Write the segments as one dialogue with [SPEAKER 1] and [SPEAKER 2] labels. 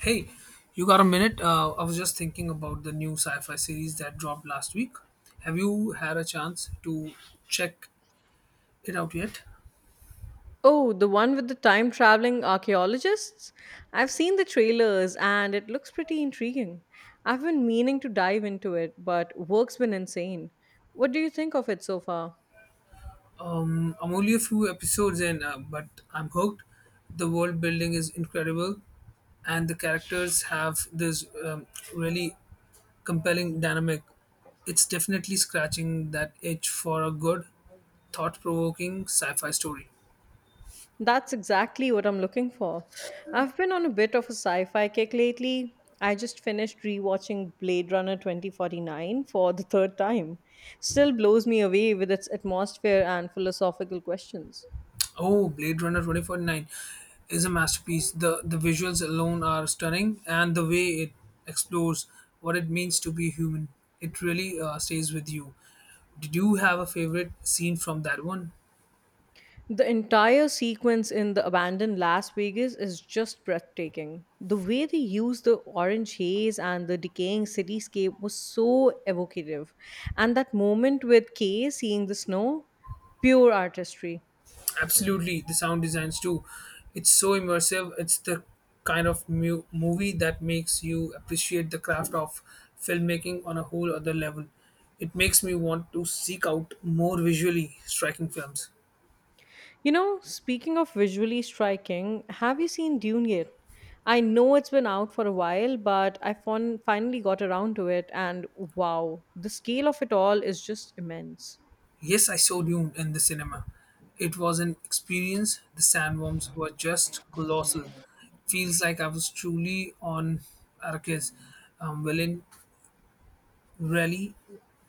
[SPEAKER 1] Hey, you got a minute? I was just thinking about the new sci fi series that dropped last week. Have you had a chance to check it out yet?
[SPEAKER 2] Oh, the one with the time traveling archaeologists? I've seen the trailers and it looks pretty intriguing. I've been meaning to dive into it, but work's been insane. What do you think of it so far?
[SPEAKER 1] Mm, I'm only a few episodes in, but I'm hooked. The world building is incredible, and the characters have this really compelling dynamic. It's definitely scratching that itch for a good, thought provoking sci fi story.
[SPEAKER 2] That's exactly what I'm looking for. I've been on a bit of a sci fi kick lately. I just finished rewatching Blade Runner 2049 for the third time. Still blows me away with its atmosphere and philosophical questions.
[SPEAKER 1] Oh, Blade Runner 2049 is a masterpiece. The visuals alone are stunning, and the way it explores what it means to be human, it really stays with you. Did you have a favorite scene from that one?
[SPEAKER 2] The entire sequence in the abandoned Las Vegas is just breathtaking. The way they used the orange haze and the decaying cityscape was so evocative. And that moment with Kay seeing the snow, pure artistry.
[SPEAKER 1] Absolutely, the sound designs too. It's so immersive. It's the kind of movie that makes you appreciate the craft of filmmaking on a whole other level. It makes me want to seek out more visually striking films.
[SPEAKER 2] You know, speaking of visually striking, have you seen Dune yet? I know it's been out for a while, but I finally got around to it, and wow, the scale of it all is just immense.
[SPEAKER 1] Yes, I saw Dune in the cinema. It was an experience. The sandworms were just colossal. Feels like I was truly on Arrakis. Villain really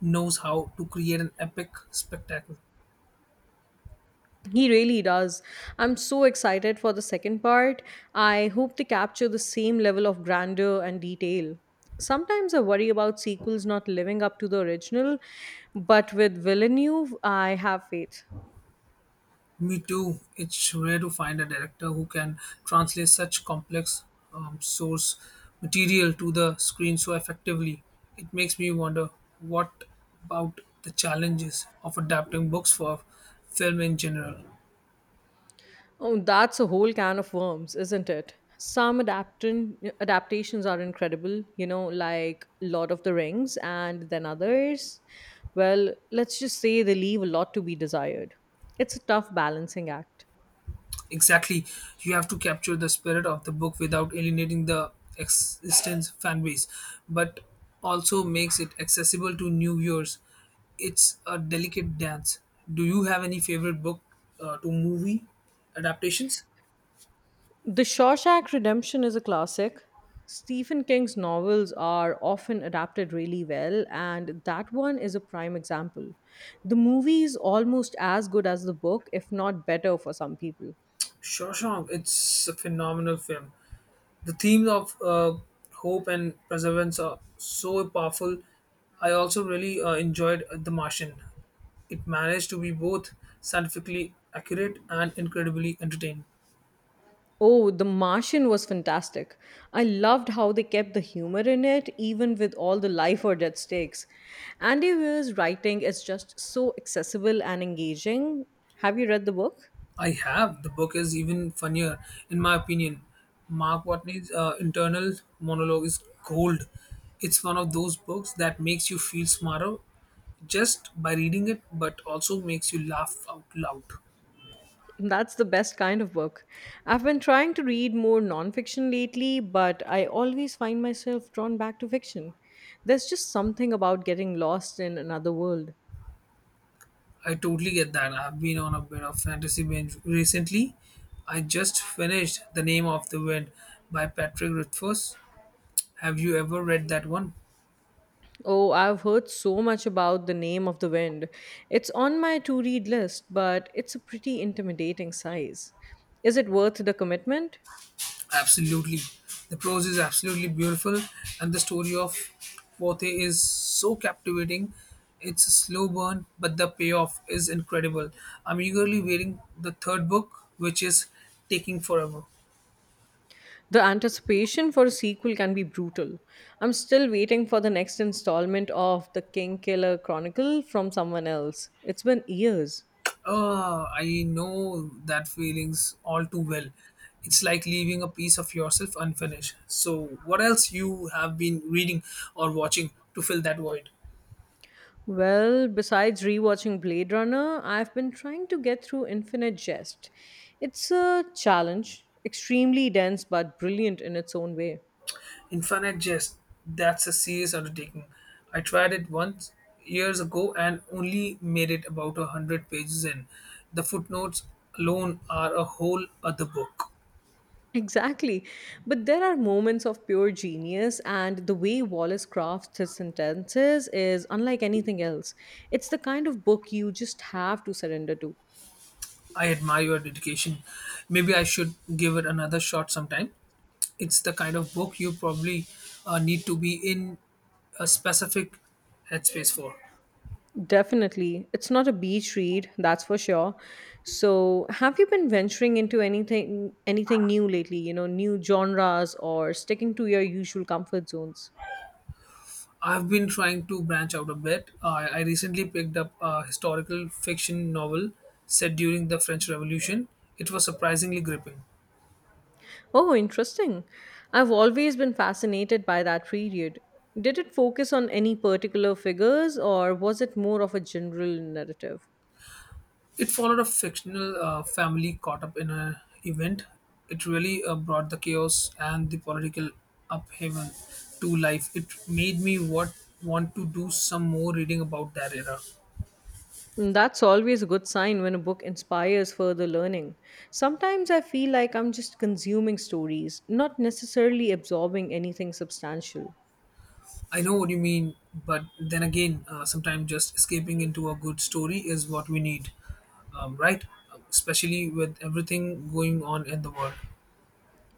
[SPEAKER 1] knows how to create an epic spectacle.
[SPEAKER 2] He really does. I'm so excited for the second part. I hope they capture the same level of grandeur and detail. Sometimes I worry about sequels not living up to the original, but with Villeneuve, I have faith.
[SPEAKER 1] Me too. It's rare to find a director who can translate such complex source material to the screen so effectively. It makes me wonder what about the challenges of adapting books for film in general.
[SPEAKER 2] Oh, that's a whole can of worms, isn't it? Some adaptations are incredible, you know, like Lord of the Rings, and then others, well, let's just say they leave a lot to be desired. It's a tough balancing act.
[SPEAKER 1] Exactly, you have to capture the spirit of the book without alienating the existence fan base, but also makes it accessible to new viewers. It's a delicate dance. Do you have any favorite book to movie adaptations?
[SPEAKER 2] The Shawshank Redemption is a classic. Stephen King's novels are often adapted really well, and that one is a prime example. The movie is almost as good as the book, if not better for some people.
[SPEAKER 1] Shawshank, it's a phenomenal film. The themes of hope and perseverance are so powerful. I also really enjoyed The Martian. It managed to be both scientifically accurate and incredibly entertaining.
[SPEAKER 2] Oh, The Martian was fantastic. I loved how they kept the humor in it, even with all the life or death stakes. Andy Weir's writing is just so accessible and engaging. Have you read the book?
[SPEAKER 1] I have. The book is even funnier, in my opinion. Mark Watney's internal monologue is gold. It's one of those books that makes you feel smarter just by reading it, but also makes you laugh out loud.
[SPEAKER 2] That's the best kind of book. I've been trying to read more nonfiction lately, but I always find myself drawn back to fiction. There's just something about getting lost in another world.
[SPEAKER 1] I totally get that. I've been on a bit of fantasy binge recently. I just finished The Name of the Wind by Patrick Rothfuss. Have you ever read that one?
[SPEAKER 2] Oh, I've heard so much about The Name of the Wind. It's on my to read list, but it's a pretty intimidating size. Is it worth the commitment?
[SPEAKER 1] Absolutely. The prose is absolutely beautiful, and the story of Pote is so captivating. It's a slow burn, but the payoff is incredible. I'm eagerly waiting the third book, which is taking forever.
[SPEAKER 2] The anticipation for a sequel can be brutal. I'm still waiting for the next installment of The King Killer Chronicle from someone else. It's been years.
[SPEAKER 1] I know that feelings all too well. It's like leaving a piece of yourself unfinished. So, what else you have been reading or watching to fill that void?
[SPEAKER 2] Well, besides rewatching Blade Runner, I've been trying to get through Infinite Jest. It's a challenge, extremely dense but brilliant in its own way.
[SPEAKER 1] Infinite Jest. That's a serious undertaking. I tried it once years ago and only made it about a hundred pages in. The footnotes alone are a whole other book.
[SPEAKER 2] Exactly. But there are moments of pure genius, and the way Wallace crafts his sentences is unlike anything else. It's the kind of book you just have to surrender to.
[SPEAKER 1] I admire your dedication. Maybe I should give it another shot sometime. It's the kind of book you probably need to be in a specific headspace for.
[SPEAKER 2] Definitely. It's not a beach read, that's for sure. So, have you been venturing into anything new lately, you know, new genres or sticking to your usual comfort zones?
[SPEAKER 1] I've been trying to branch out a bit. I recently picked up a historical fiction novel set during the French Revolution. It was surprisingly gripping.
[SPEAKER 2] Oh, interesting. I've always been fascinated by that period. Did it focus on any particular figures or was it more of a general narrative?
[SPEAKER 1] It followed a fictional family caught up in an event. It really brought the chaos and the political upheaval to life. It made me what want to do some more reading about that era.
[SPEAKER 2] Mm, that's always a good sign when a book inspires further learning. Sometimes I feel like I'm just consuming stories, not necessarily absorbing anything substantial.
[SPEAKER 1] I know what you mean, but then again, sometimes just escaping into a good story is what we need, right? Especially with everything going on in the world.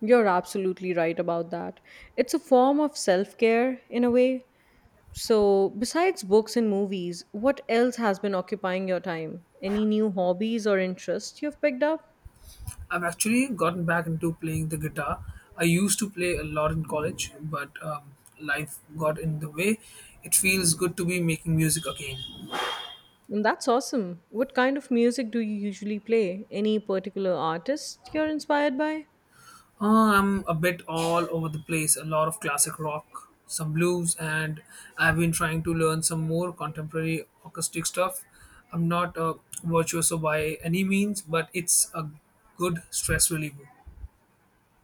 [SPEAKER 2] You're absolutely right about that. It's a form of self care, in a way. So, besides books and movies, what else has been occupying your time? Any new hobbies or interests you've picked up?
[SPEAKER 1] I've actually gotten back into playing the guitar. I used to play a lot in college, but life got in the way. It feels good to be making music again.
[SPEAKER 2] Mm, that's awesome. What kind of music do you usually play? Any particular artist you're inspired by?
[SPEAKER 1] I'm a bit all over the place, a lot of classic rock, some blues, and I've been trying to learn some more contemporary acoustic stuff. I'm not a virtuoso by any means, but it's a good stress reliever.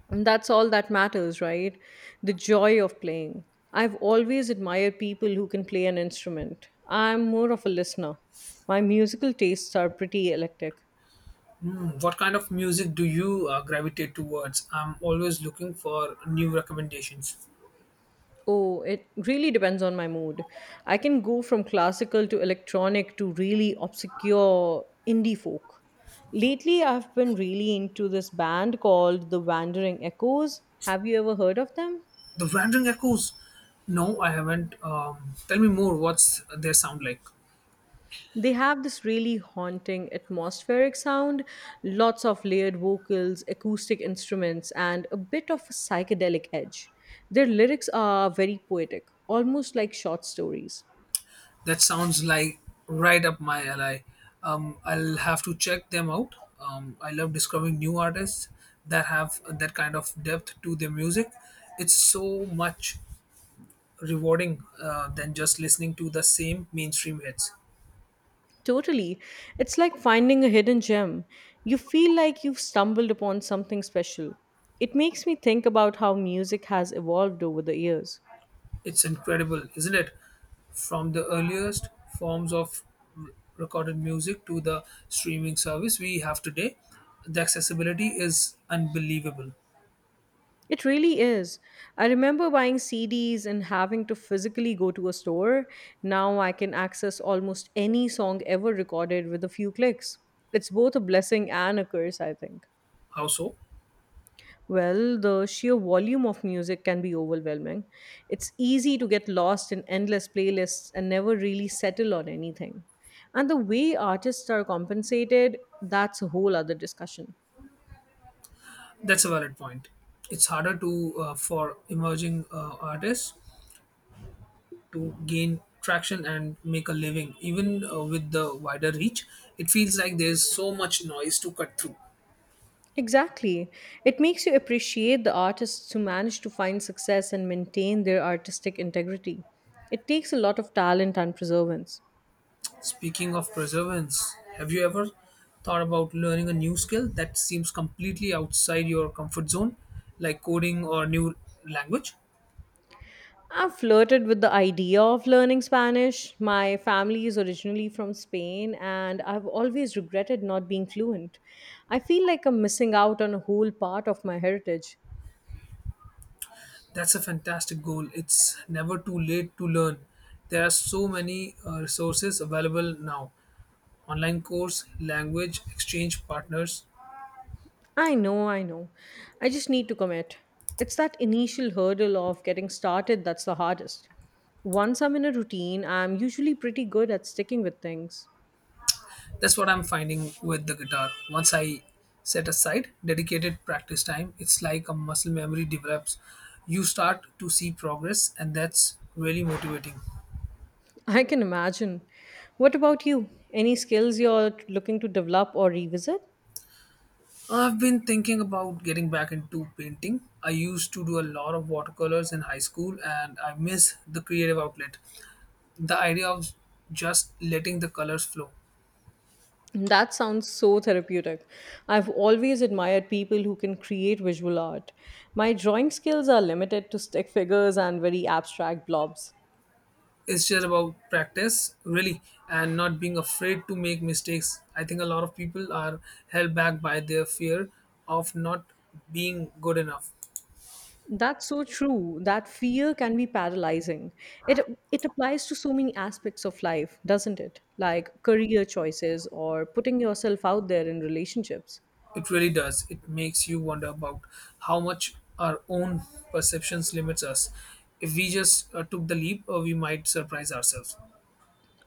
[SPEAKER 2] And that's all that matters, right? The joy of playing. I've always admired people who can play an instrument. I'm more of a listener. My musical tastes are pretty eclectic.
[SPEAKER 1] Hmm, what kind of music do you gravitate towards? I'm always looking for new recommendations.
[SPEAKER 2] Oh, it really depends on my mood. I can go from classical to electronic to really obscure indie folk. Lately, I've been really into this band called The Wandering Echoes. Have you ever heard of them?
[SPEAKER 1] The Wandering Echoes. No, I haven't. Tell me more. What's their sound like?
[SPEAKER 2] They have this really haunting atmospheric sound, lots of layered vocals, acoustic instruments, and a bit of a psychedelic edge. Their lyrics are very poetic, almost like short stories.
[SPEAKER 1] That sounds like right up my alley. I'll have to check them out. I love discovering new artists that have that kind of depth to their music. It's so much rewarding than just listening to the same mainstream hits.
[SPEAKER 2] Totally. It's like finding a hidden gem. You feel like you've stumbled upon something special. It makes me think about how music has evolved over the years.
[SPEAKER 1] It's incredible, isn't it? From the earliest forms of r- recorded music to the streaming service we have today, the accessibility is unbelievable.
[SPEAKER 2] It really is. I remember buying CDs and having to physically go to a store. Now I can access almost any song ever recorded with a few clicks. It's both a blessing and a curse, I think.
[SPEAKER 1] How so?
[SPEAKER 2] Well, the sheer volume of music can be overwhelming. It's easy to get lost in endless playlists and never really settle on anything. And the way artists are compensated, that's a whole other discussion.
[SPEAKER 1] That's a valid point. It's harder to for emerging artists to gain traction and make a living, even with the wider reach. It feels like there's so much noise to cut through.
[SPEAKER 2] Exactly. It makes you appreciate the artists who manage to find success and maintain their artistic integrity. It takes a lot of talent and perseverance.
[SPEAKER 1] Speaking of perseverance, have you ever thought about learning a new skill that seems completely outside your comfort zone, like coding or new language?
[SPEAKER 2] I've flirted with the idea of learning Spanish. My family is originally from Spain, and I've always regretted not being fluent. I feel like I'm missing out on a whole part of my heritage.
[SPEAKER 1] That's a fantastic goal. It's never too late to learn. There are so many resources available now, online course, language exchange partners.
[SPEAKER 2] I know, I know. I just need to commit. It's that initial hurdle of getting started that's the hardest. Once I'm in a routine, I'm usually pretty good at sticking with things.
[SPEAKER 1] That's what I'm finding with the guitar. Once I set aside dedicated practice time, it's like a muscle memory develops. You start to see progress, and that's really motivating.
[SPEAKER 2] I can imagine. What about you? Any skills you're looking to develop or revisit?
[SPEAKER 1] I've been thinking about getting back into painting. I used to do a lot of watercolors in high school, and I miss the creative outlet. The idea of just letting the colors flow.
[SPEAKER 2] That sounds so therapeutic. I've always admired people who can create visual art. My drawing skills are limited to stick figures and very abstract blobs.
[SPEAKER 1] It's just about practice really, and not being afraid to make mistakes. I think a lot of people are held back by their fear of not being good enough.
[SPEAKER 2] That's so true. That fear can be paralyzing. It applies to so many aspects of life, doesn't it? Like career choices or putting yourself out there in relationships.
[SPEAKER 1] It really does. It makes you wonder about how much our own perceptions limits us. If we just took the leap, we might surprise ourselves.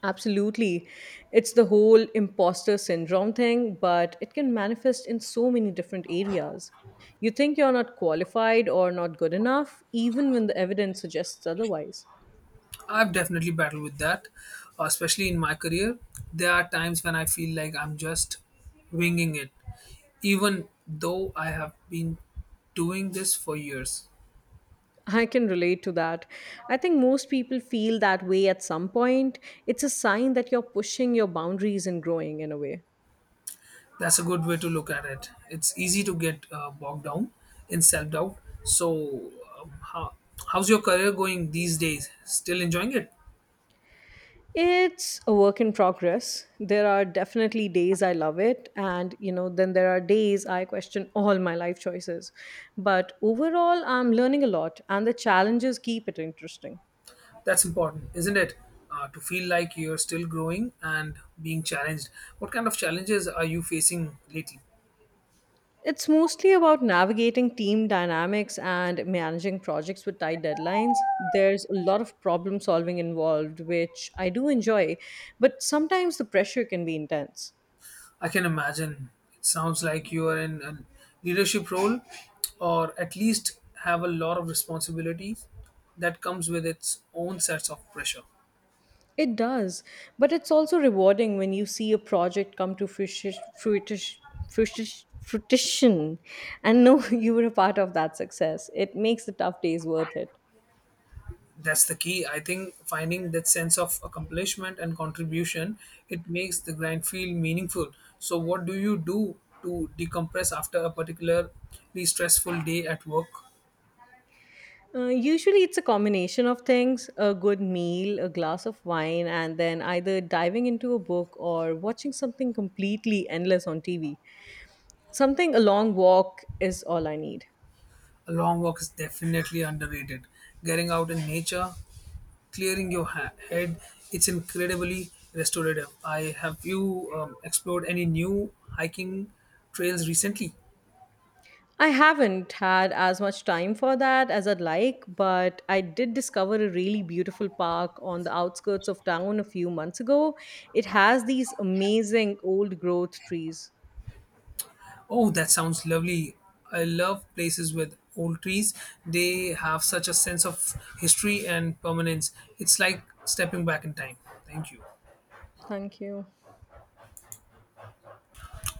[SPEAKER 2] Absolutely. It's the whole imposter syndrome thing, but it can manifest in so many different areas. You think you're not qualified or not good enough, even when the evidence suggests otherwise.
[SPEAKER 1] I've definitely battled with that, especially in my career. There are times when I feel like I'm just winging it, even though I have been doing this for years.
[SPEAKER 2] I can relate to that. I think most people feel that way at some point. It's a sign that you're pushing your boundaries and growing in a way.
[SPEAKER 1] That's a good way to look at it. It's easy to get bogged down in self doubt. So, how, how's your career going these days? Still enjoying it?
[SPEAKER 2] It's a work in progress. There are definitely days I love it, and you know, then there are days I question all my life choices. But overall, I'm learning a lot, and the challenges keep it interesting.
[SPEAKER 1] That's important, isn't it? To feel like you're still growing and being challenged. What kind of challenges are you facing lately?
[SPEAKER 2] It's mostly about navigating team dynamics and managing projects with tight deadlines. There's a lot of problem solving involved, which I do enjoy, but sometimes the pressure can be intense.
[SPEAKER 1] I can imagine. It sounds like you are in a leadership role, or at least have a lot of responsibilities that comes with its own sets of pressure.
[SPEAKER 2] It does, but it's also rewarding when you see a project come to fruition, fruition and know you were a part of that success. It makes the tough days worth it.
[SPEAKER 1] That's the key. I think finding that sense of accomplishment and contribution, it makes the grind feel meaningful. So what do you do to decompress after a particularly stressful day at work?
[SPEAKER 2] Usually, it's a combination of things: a good meal, a glass of wine, and then either diving into a book or watching something completely endless on TV. Something a long walk is all I need.
[SPEAKER 1] A long walk is definitely underrated. Getting out in nature, clearing your head. It's incredibly restorative. I have you explored any new hiking trails recently?
[SPEAKER 2] I haven't had as much time for that as I'd like, but I did discover a really beautiful park on the outskirts of town a few months ago. It has these amazing old growth trees.
[SPEAKER 1] Oh, that sounds lovely. I love places with old trees. They have such a sense of history and permanence. It's like stepping back in time. Thank you.
[SPEAKER 2] Thank you.